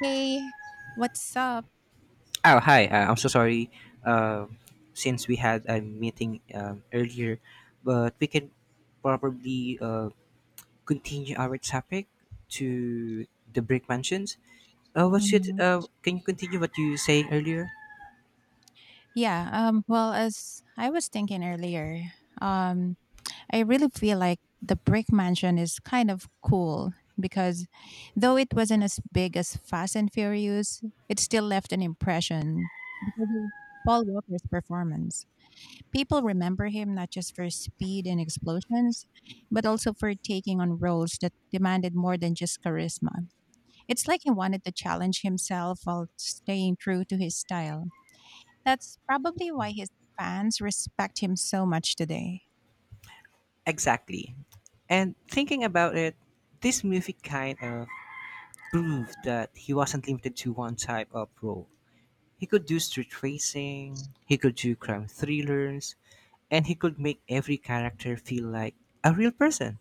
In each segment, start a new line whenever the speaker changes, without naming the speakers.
Hey, what's up?
Oh, hi. I'm so sorry. Um since we had a meeting earlier, but we can probably continue our topic to the brick mansions. What should
Mhm.
can you continue what you saying earlier?
As I was thinking earlier, um, I really feel like the brick mansion is kind of cool because though it wasn't as big as Fast and Furious, it still left an impression because of Paul Walker's performance. People remember him not just for speed and explosions, but also for taking on roles that demanded more than just charisma. It's like he wanted to challenge himself while staying true to his style. That's probably why his fans respect him so much today.
Exactly. And thinking about it, this movie kind of proved that he wasn't limited to one type of role. He could do street racing, he could do crime thrillers, and he could make every character feel like a real person.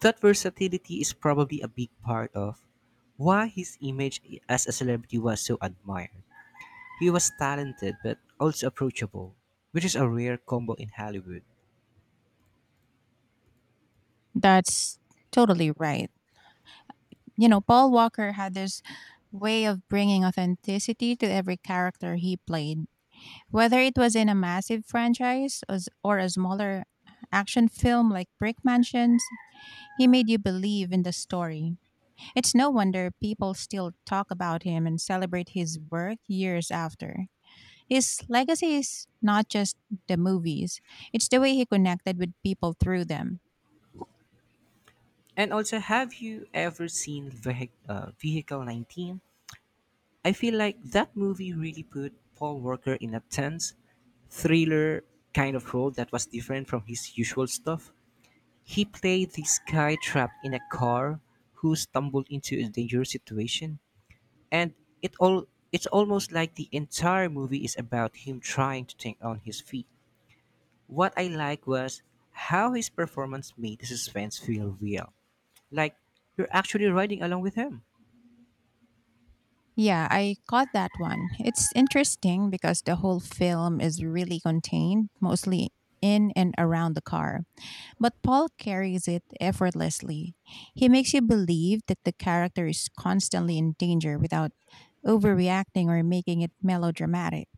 That versatility is probably a big part of why his image as a celebrity was so admired. He was talented but also approachable, which is a rare combo in Hollywood.
That's totally right. You know, Paul Walker had this way of bringing authenticity to every character he played, whether it was in a massive franchise or a smaller action film like Brick Mansions. He made you believe in the story. It's no wonder people still talk about him and celebrate his work years after. His legacy is not just the movies, it's the way he connected with people through them.
And also, have you ever seen Vehicle 19? I feel like that movie really put Paul Walker in a tense, thriller kind of role that was different from his usual stuff. He played this guy trapped in a car who stumbled into a dangerous situation, and it all it's almost like the entire movie is about him trying to think on his feet. What I like was how his performance made the suspense feel real. Like you're actually riding along with him.
Yeah, I caught that one. It's interesting because the whole film is really contained, mostly in and around the car. But Paul carries it effortlessly. He makes you believe that the character is constantly in danger without overreacting or making it melodramatic.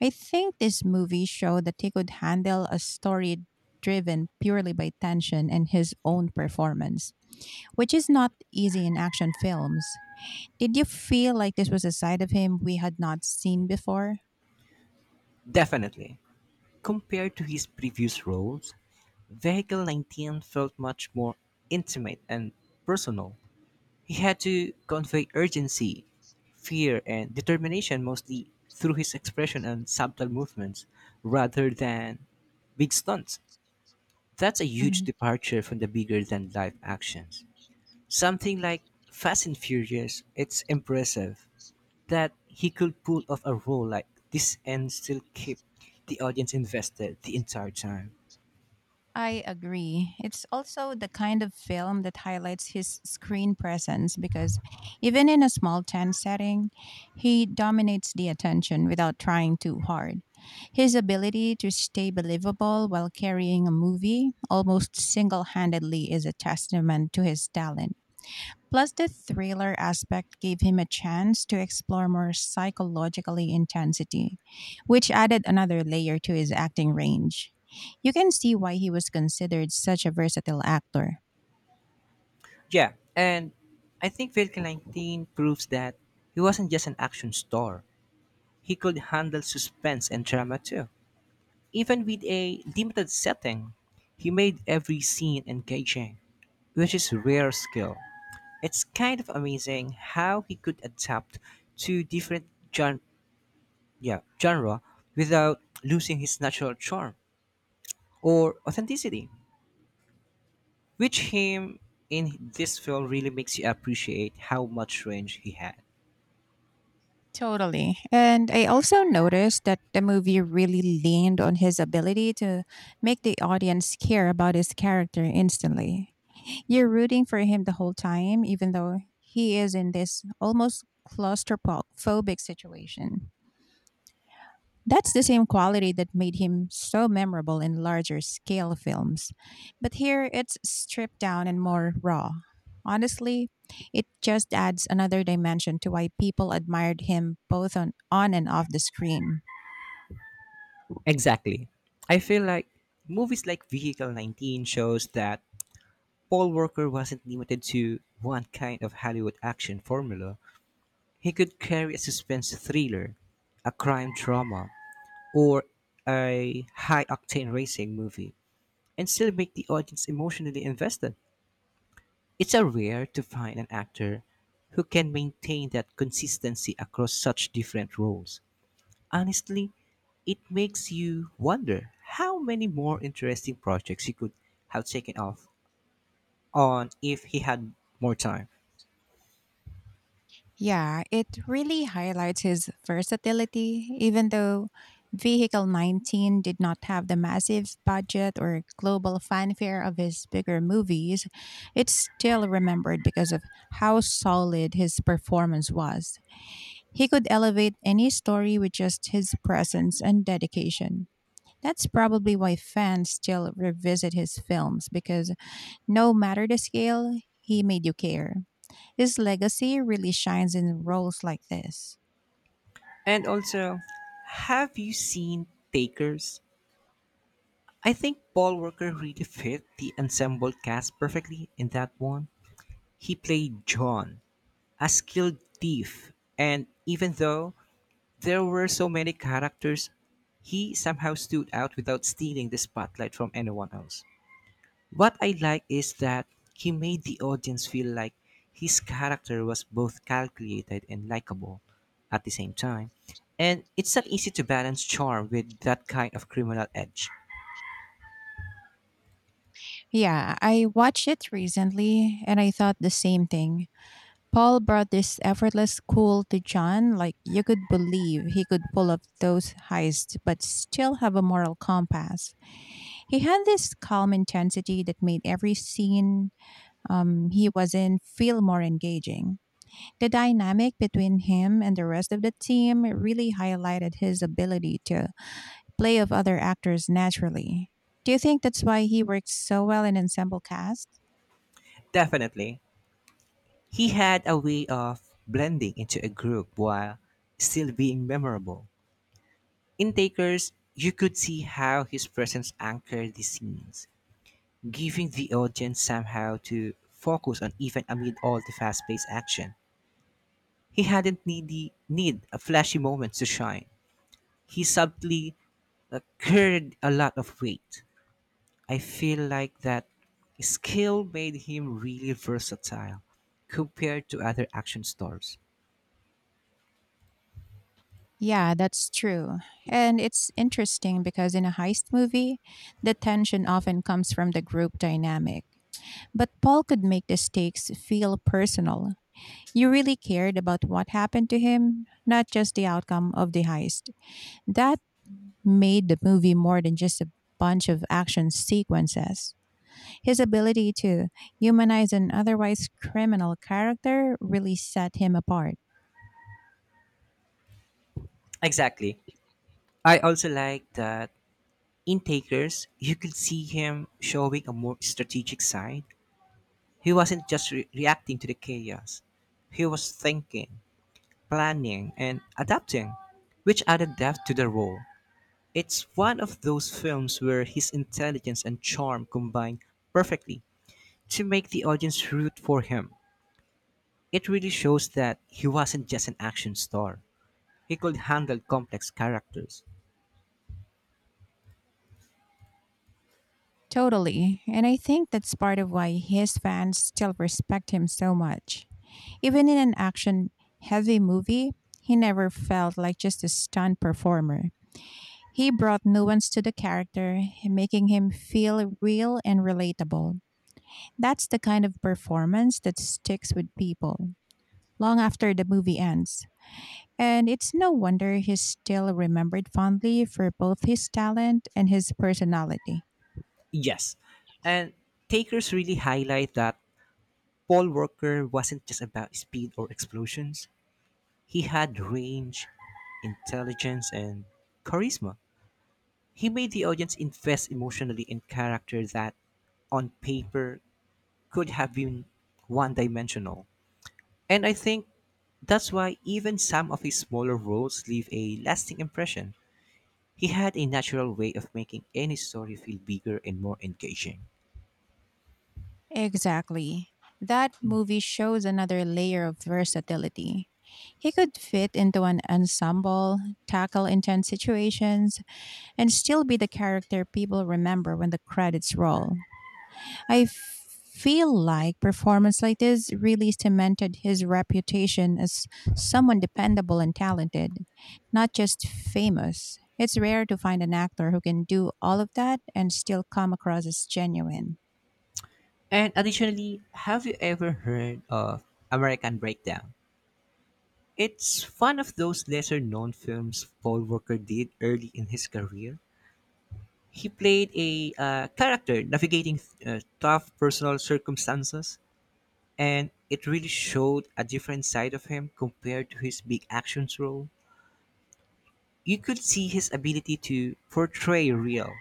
I think this movie showed that he could handle a story driven purely by tension and his own performance, which is not easy in action films. Did you feel like this was a side of him we had not seen before?
Definitely. Compared to his previous roles, Vehicle 19 felt much more intimate and personal. He had to convey urgency, fear, and determination mostly through his expression and subtle movements rather than big stunts. That's a huge departure from the bigger than life actions. Something like Fast and Furious, it's impressive that he could pull off a role like this and still keep the audience invested the entire time.
I agree. It's also the kind of film that highlights his screen presence because even in a small tent setting, he dominates the attention without trying too hard. His ability to stay believable while carrying a movie almost single handedly is a testament to his talent. Plus, the thriller aspect gave him a chance to explore more psychologically intensity, which added another layer to his acting range. You can see why he was considered such a versatile actor.
Yeah, and I think Vehicle 19 proves that he wasn't just an action star. He could handle suspense and drama too. Even with a limited setting, he made every scene engaging, which is rare skill. It's kind of amazing how he could adapt to different genre without losing his natural charm or authenticity, which him in this film really makes you appreciate how much range he had.
Totally. And I also noticed that the movie really leaned on his ability to make the audience care about his character instantly. You're rooting for him the whole time, even though he is in this almost claustrophobic situation. That's the same quality that made him so memorable in larger scale films. But here it's stripped down and more raw. Honestly, it just adds another dimension to why people admired him both on and off the screen.
Exactly. I feel like movies like Vehicle 19 shows that Paul Walker wasn't limited to one kind of Hollywood action formula. He could carry a suspense thriller, a crime drama, or a high octane racing movie and still make the audience emotionally invested. It's a rare to find an actor who can maintain that consistency across such different roles. Honestly, it makes you wonder how many more interesting projects he could have taken off on if he had more time.
Yeah, it really highlights his versatility, even though Vehicle 19 did not have the massive budget or global fanfare of his bigger movies. It's still remembered because of how solid his performance was. He could elevate any story with just his presence and dedication. That's probably why fans still revisit his films because no matter the scale, he made you care. His legacy really shines in roles like this.
And also, have you seen Takers? I think Paul Walker really fit the ensemble cast perfectly in that one. He played John, a skilled thief, and even though there were so many characters, he somehow stood out without stealing the spotlight from anyone else. What I like is that he made the audience feel like his character was both calculated and likable at the same time. And it's not easy to balance charm with that kind of criminal edge.
Yeah, I watched it recently and I thought the same thing. Paul brought this effortless cool to John, like you could believe he could pull off those heists but still have a moral compass. He had this calm intensity that made every scene he was in feel more engaging. The dynamic between him and the rest of the team really highlighted his ability to play of other actors naturally. Do you think that's why he works so well in ensemble cast?
Definitely, he had a way of blending into a group while still being memorable. In Takers, you could see how his presence anchored the scenes, giving the audience somehow to focus on even amid all the fast paced action. He hadn't need a flashy moment to shine. He subtly carried a lot of weight. I feel like that skill made him really versatile compared to other action stars.
Yeah, that's true. And it's interesting because in a heist movie, the tension often comes from the group dynamic. But Paul could make the stakes feel personal. You really cared about what happened to him, not just the outcome of the heist. That made the movie more than just a bunch of action sequences. His ability to humanize an otherwise criminal character really set him apart.
Exactly. I also like that in Takers, you could see him showing a more strategic side. He wasn't just reacting to the chaos, he was thinking, planning, and adapting, which added depth to the role. It's one of those films where his intelligence and charm combine perfectly to make the audience root for him. It really shows that he wasn't just an action star. He could handle complex characters.
Totally. And I think that's part of why his fans still respect him so much. Even in an action heavy movie, he never felt like just a stunt performer. He brought nuance to the character, making him feel real and relatable. That's the kind of performance that sticks with people long after the movie ends. And it's no wonder he's still remembered fondly for both his talent and his personality.
Yes, and takers really highlight that Paul Walker wasn't just about speed or explosions. He had range, intelligence, and charisma. He made the audience invest emotionally in characters that, on paper, could have been one dimensional. And I think that's why even some of his smaller roles leave a lasting impression. He had a natural way of making any story feel bigger and more engaging.
Exactly. That movie shows another layer of versatility. He could fit into an ensemble, tackle intense situations, and still be the character people remember when the credits roll. I feel like performance like this really cemented his reputation as someone dependable and talented, not just famous. It's rare to find an actor who can do all of that and still come across as genuine.
And additionally, have you ever heard of American Breakdown? It's one of those lesser known films Paul Walker did early in his career. He played a character navigating tough personal circumstances and it really showed a different side of him compared to his big actions role. You could see his ability to portray real,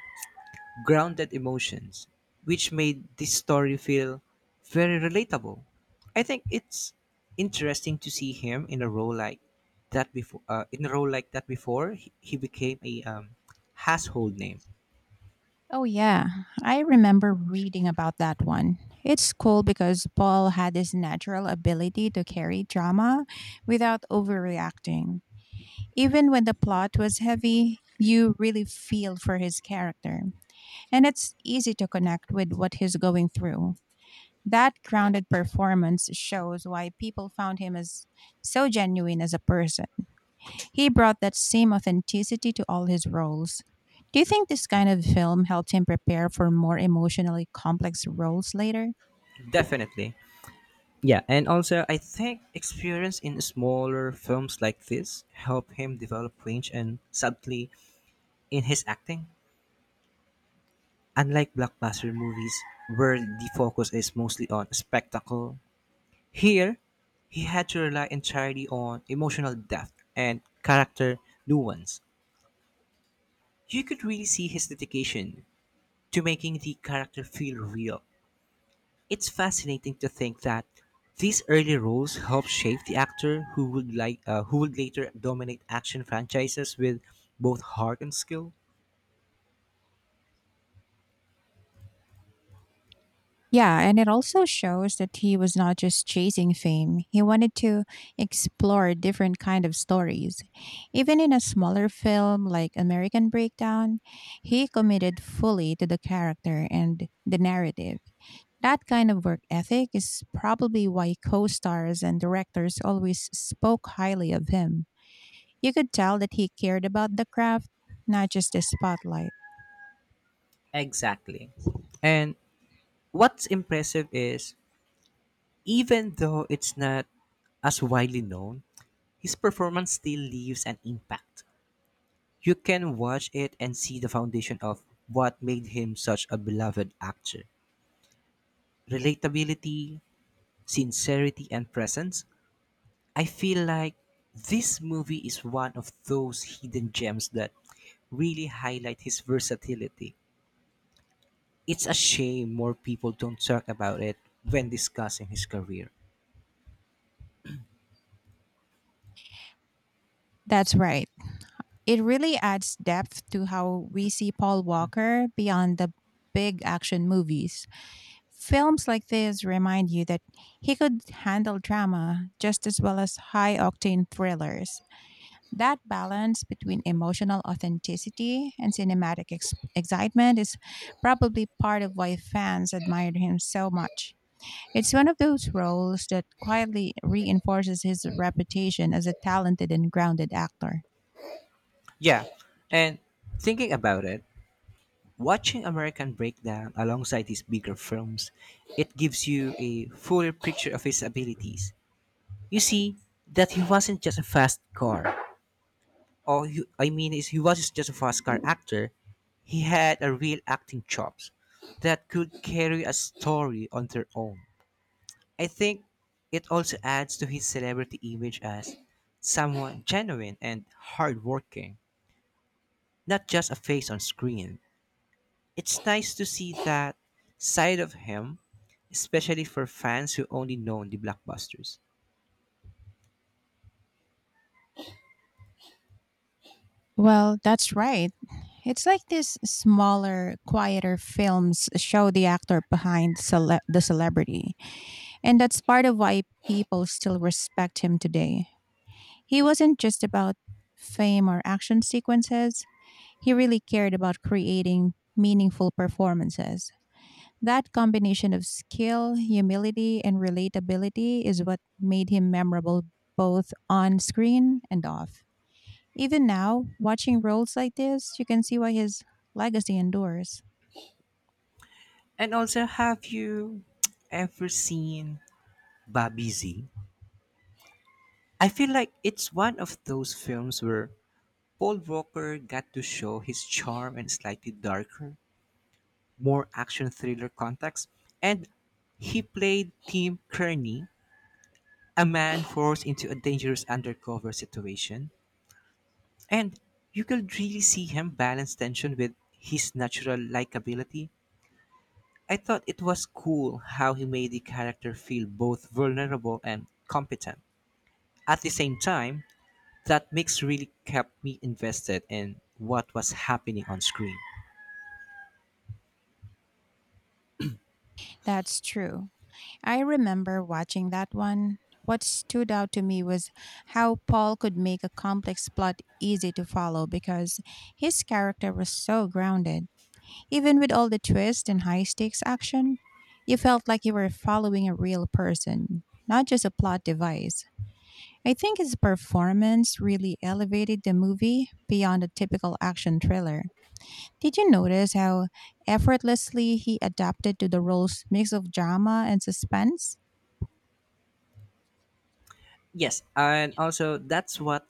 grounded emotions, which made this story feel very relatable. I think it's interesting to see him in a role like that before. In a role like that before, he became a household name.
Oh, yeah. I remember reading about that one. It's cool because Paul had this natural ability to carry drama without overreacting. Even when the plot was heavy, you really feel for his character. And it's easy to connect with what he's going through. That grounded performance shows why people found him as so genuine as a person. He brought that same authenticity to all his roles. Do you think this kind of film helped him prepare for more emotionally complex roles later?
Definitely. Yeah, and also I think experience in smaller films like this helped him develop range and subtlety in his acting. Unlike blockbuster movies where the focus is mostly on spectacle, here he had to rely entirely on emotional depth and character nuance. You could really see his dedication to making the character feel real. It's fascinating to think that these early roles helped shape the actor who would who would later dominate action franchises with both heart and skill.
Yeah, and it also shows that he was not just chasing fame. He wanted to explore different kind of stories. Even in a smaller film like American Breakdown, he committed fully to the character and the narrative. That kind of work ethic is probably why co-stars and directors always spoke highly of him. You could tell that he cared about the craft, not just the spotlight.
Exactly. And what's impressive is even though it's not as widely known, his performance still leaves an impact. You can watch it and see the foundation of what made him such a beloved actor. Relatability, sincerity, and presence. I feel like this movie is one of those hidden gems that really highlight his versatility. It's a shame more people don't talk about it when discussing his career.
That's right. It really adds depth to how we see Paul Walker beyond the big action movies. Films like this remind you that he could handle drama just as well as high octane thrillers. That balance between emotional authenticity and cinematic excitement is probably part of why fans admire him so much. It's one of those roles that quietly reinforces his reputation as a talented and grounded actor.
Yeah, and thinking about it, watching American Breakdown alongside his bigger films, it gives you a fuller picture of his abilities. You see that he wasn't just a fast car. Oh, he, I mean is he was just a fast car actor. He had a real acting chops that could carry a story on their own. I think it also adds to his celebrity image as someone genuine and hardworking, not just a face on screen. It's nice to see that side of him, especially for fans who only know the blockbusters.
Well, that's right. It's like these smaller, quieter films show the actor behind the celebrity. And that's part of why people still respect him today. He wasn't just about fame or action sequences, he really cared about creating meaningful performances. That combination of skill, humility, and relatability is what made him memorable both on screen and off. Even now, watching roles like this, you can see why his legacy endures.
And also, have you ever seen Bobby Z? I feel like it's one of those films where Paul Walker got to show his charm and slightly darker, more action thriller context, and he played Tim Kearney, a man forced into a dangerous undercover situation, and you could really see him balance tension with his natural likability. I thought it was cool how he made the character feel both vulnerable and competent. At the same time, that mix really kept me invested in what was happening on screen.
That's true. I remember watching that one. What stood out to me was how Paul could make a complex plot easy to follow because his character was so grounded. Even with all the twists and high stakes action, you felt like you were following a real person, not just a plot device. I think his performance really elevated the movie beyond a typical action thriller. Did you notice how effortlessly he adapted to the role's mix of drama and suspense?
Yes, and also that's what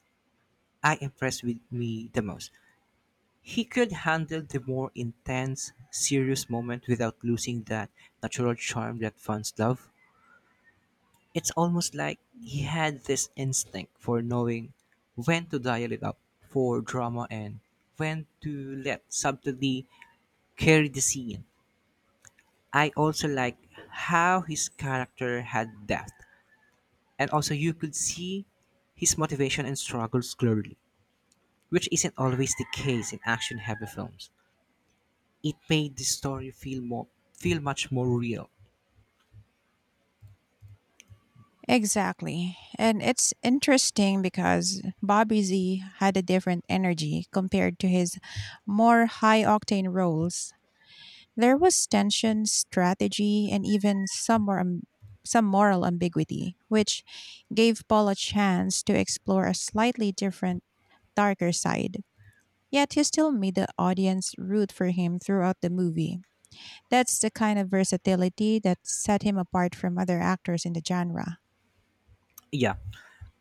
I impressed with me the most. He could handle the more intense, serious moment without losing that natural charm that fans love. It's almost like he had this instinct for knowing when to dial it up for drama and when to let subtlety carry the scene. I also like how his character had depth and also you could see his motivation and struggles clearly, which isn't always the case in action-heavy films. It made the story feel much more real.
Exactly. And it's interesting because Bobby Z had a different energy compared to his more high octane roles. There was tension, strategy, and even some moral ambiguity, which gave Paul a chance to explore a slightly different, darker side. Yet he still made the audience root for him throughout the movie. That's the kind of versatility that set him apart from other actors in the genre.
Yeah,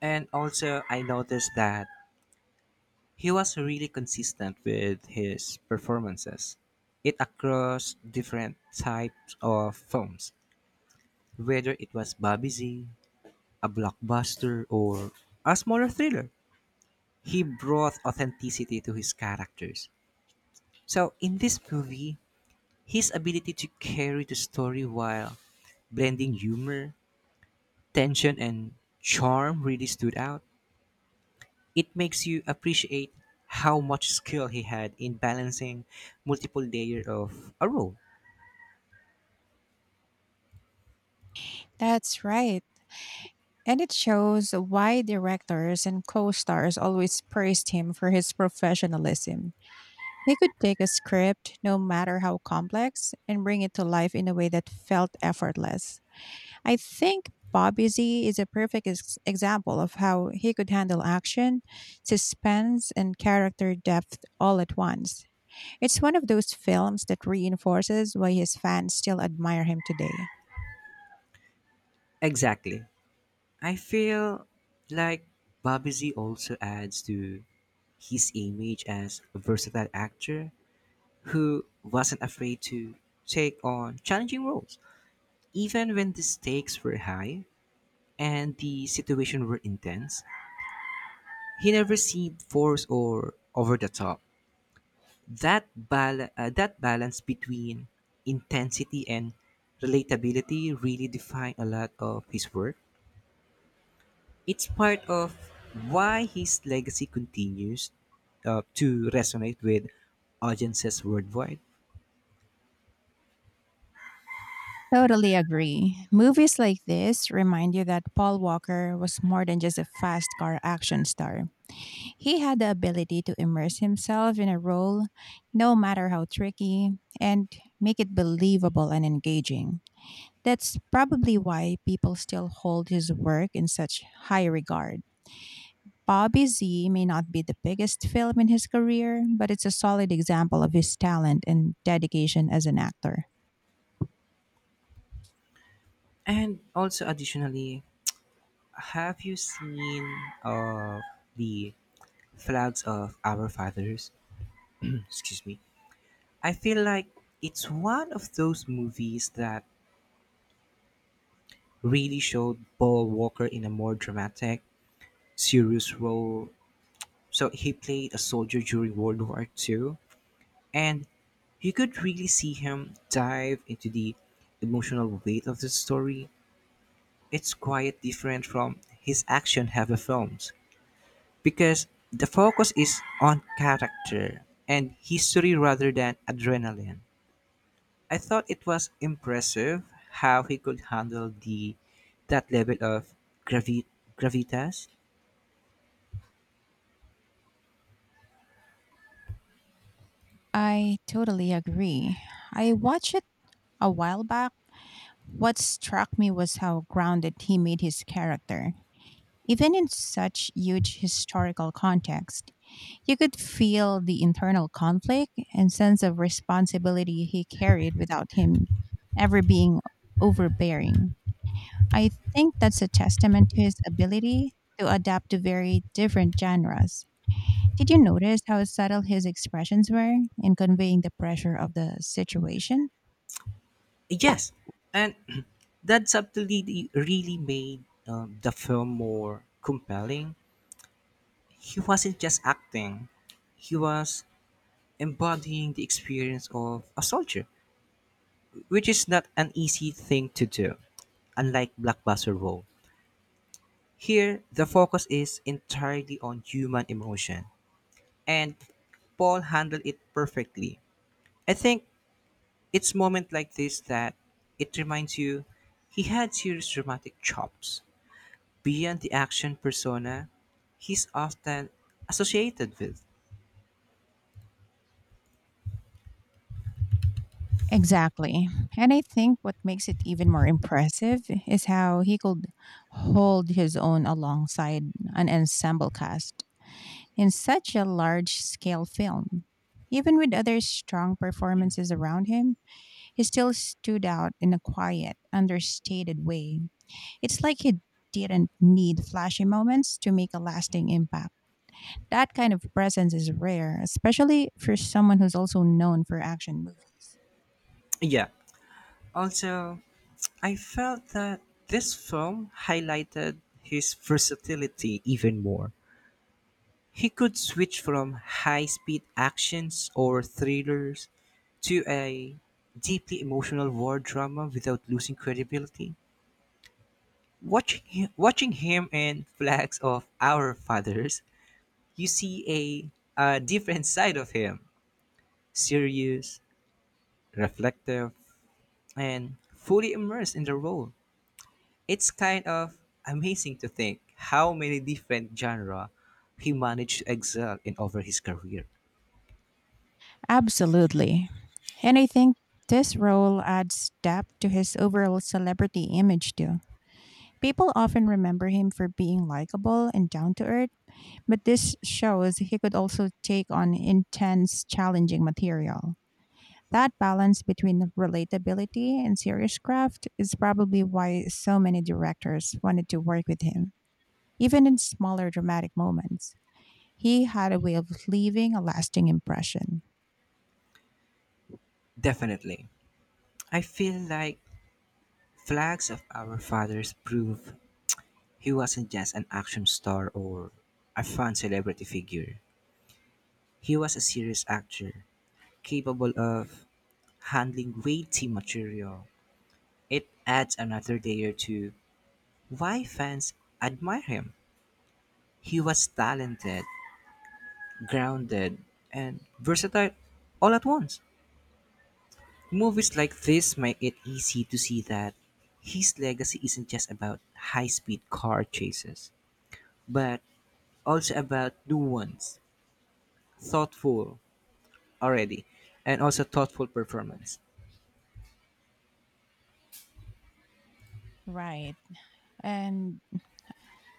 and also I noticed that he was really consistent with his performances. It across different types of films, whether it was Bobby Z, a blockbuster, or a smaller thriller. He brought authenticity to his characters. So in this movie, his ability to carry the story while blending humor, tension, and charm really stood out. It makes you appreciate how much skill he had in balancing multiple layers of a role.
That's right. And it shows why directors and co stars always praised him for his professionalism. He could take a script, no matter how complex, and bring it to life in a way that felt effortless. I think Bobby Z is a perfect example of how he could handle action, suspense, and character depth all at once. It's one of those films that reinforces why his fans still admire him today.
Exactly. I feel like Bobby Z also adds to his image as a versatile actor who wasn't afraid to take on challenging roles. Even when the stakes were high and the situation were intense, he never seemed forced or over the top. That balance between intensity and relatability really defined a lot of his work. It's part of why his legacy continues to resonate with audiences worldwide.
Totally agree. Movies like this remind you that Paul Walker was more than just a fast car action star. He had the ability to immerse himself in a role, no matter how tricky, and make it believable and engaging. That's probably why people still hold his work in such high regard. Bobby Z may not be the biggest film in his career, but it's a solid example of his talent and dedication as an actor.
And also, additionally, have you seen uh, the Flags of Our Fathers? Excuse me. I feel like it's one of those movies that really showed Paul Walker in a more dramatic, serious role. So he played a soldier during World War Two, and you could really see him dive into the emotional weight of the story. It's quite different from his action heavy films because the focus is on character and history rather than adrenaline. I thought it was impressive how he could handle the that level of gravi- gravitas.
I totally agree. I watched it a while back. What struck me was how grounded he made his character. Even in such huge historical context, you could feel the internal conflict and sense of responsibility he carried without him ever being overbearing. I think that's a testament to his ability to adapt to very different genres. Did you notice how subtle his expressions were in conveying the pressure of the situation?
Yes, and that subtlety really made the film more compelling. He wasn't just acting; he was embodying the experience of a soldier, which is not an easy thing to do. Unlike blockbuster role, here the focus is entirely on human emotion, and Paul handled it perfectly. I think it's moment like this that it reminds you he had serious dramatic chops beyond the action persona he's often associated with.
Exactly. And I think what makes it even more impressive is how he could hold his own alongside an ensemble cast in such a large scale film. Even with other strong performances around him, he still stood out in a quiet, understated way. It's like he didn't need flashy moments to make a lasting impact. That kind of presence is rare, especially for someone who's also known for action movies.
Yeah. Also, I felt that this film highlighted his versatility even more. He could switch from high speed actions or thrillers to a deeply emotional war drama without losing credibility. Watching him in Flags of Our Fathers, you see a different side of him, serious, reflective, and fully immersed in the role. It's kind of amazing to think how many different genres he managed to excel in over his career.
Absolutely. And I think this role adds depth to his overall celebrity image, too. People often remember him for being likable and down to earth, but this shows he could also take on intense, challenging material. That balance between relatability and serious craft is probably why so many directors wanted to work with him, even in smaller dramatic moments. He had a way of leaving a lasting impression.
Definitely. I feel like Flags of Our Fathers prove he wasn't just an action star or a fun celebrity figure. He was a serious actor, capable of handling weighty material. It adds another layer to why fans admire him. He was talented, grounded, and versatile all at once. Movies like this make it easy to see that his legacy isn't just about high speed car chases, but also about nuance, thoughtful already, thoughtful performance.
Right. And,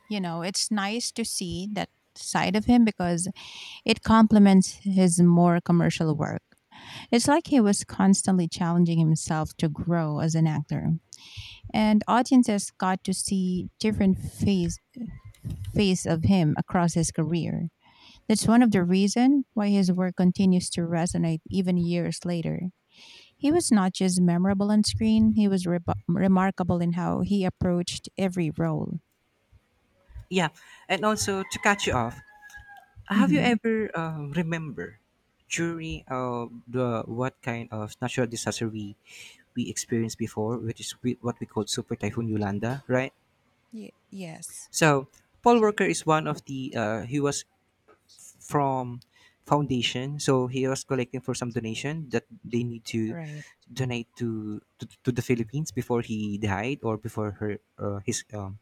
you know, it's nice to see that side of him because it complements his more commercial work. It's like he was constantly challenging himself to grow as an actor. And audiences got to see different face of him across his career. That's one of the reason why his work continues to resonate even years later. He was not just memorable on screen, he was remarkable in how he approached every role.
Yeah, and also to catch you off, have you
Mhm.
ever remember during the what kind of natural disaster we experienced before, which is what we call Super Typhoon Yolanda, right?
Yes,
So Paul Walker is one of the he was from foundation, so he was collecting for some donation that they need to
right.
donate to the Philippines before he died or before her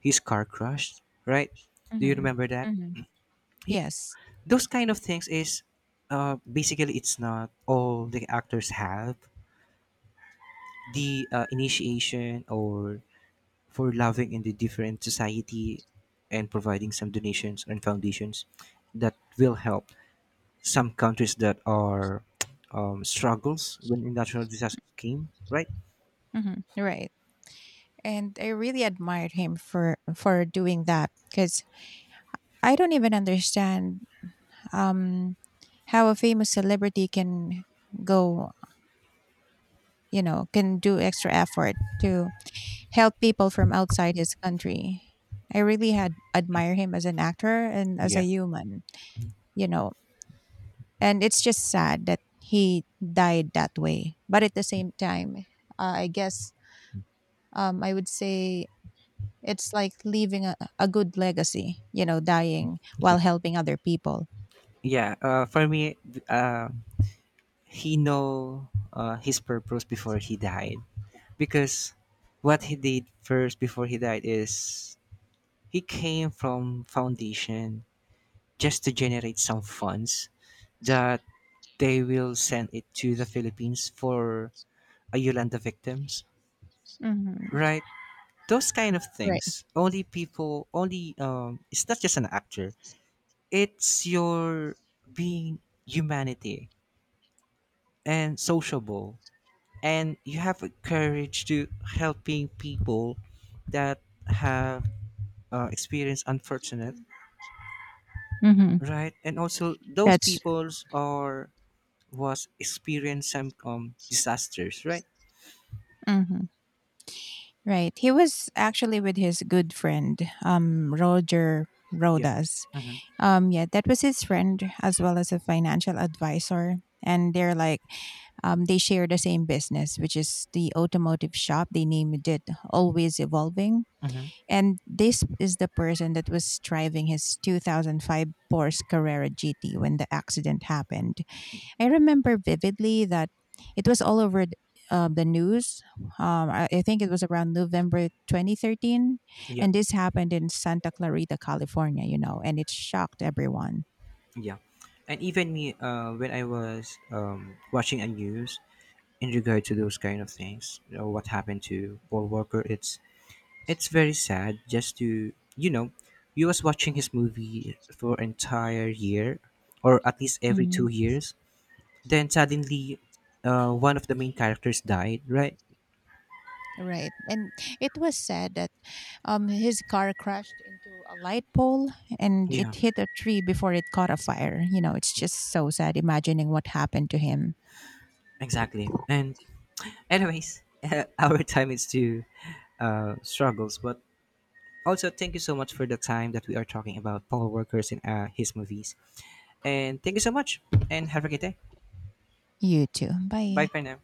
his car crashed, right? Do you
Mhm.
remember that?
Mhm. Yes.
Those kind of things is basically it's not all the actors have the initiation or for loving in the different society and providing some donations and foundations that will help some countries that are struggles when natural disasters came, right?
Mhm. Right. And I really admired him for doing that because I don't even understand um, how a famous celebrity can go, you know, can do extra effort to help people from outside his country. I really had admire him as an actor and as a
yeah
human, you know. And it's just sad that he died that way. But at the same time, I guess I would say it's like leaving a good legacy, you know, dying
yeah
while helping other people.
yeah for me he know his purpose before he died because what he did first before he died is he came from Foundation just to generate some funds that they will send it to the Philippines for a Yolanda victims,
Mm-hmm.
right? Those kind of
Right.
things. Only people, only It's not just an actor. It's your being humanity and sociable, and you have a courage to helping people that have experienced unfortunate,
Mm-hmm.
right? And also those
That's
peoples are was experienced some disasters, right?
Mm-hmm. right. He was actually with his good friend, Roger
Yeah.
Rodas.
Mm-hmm.
Yeah, that was his friend as well as a financial advisor. And they're like, they share the same business, which is the automotive shop. They named it Always Evolving.
Mm-hmm.
And this is the person that was driving his 2005 Porsche Carrera GT when the accident happened. I remember vividly that it was all over the news. I think it was around November 2013.
Yeah.
And this happened in Santa Clarita, California, you know, and it shocked everyone.
Yeah. And even me, when I was watching a news in regard to those kind of things, you know, what happened to Paul Walker, it's very sad. Just to you know, you was watching his movie for entire year, or at least every two
Mhm.
years. Then suddenly, one of the main characters died, right?
Right. And it was said that his car crashed into a light pole and
Yeah,
it hit a tree before it caught a fire. You know, it's just so sad imagining what happened to him.
exactly. And anyways, our time is to struggles, but also thank you so much for the time that we are talking about Paul Workers and his movies. And thank you so much, and have a great day.
You too.
Bye
Bye.
for now.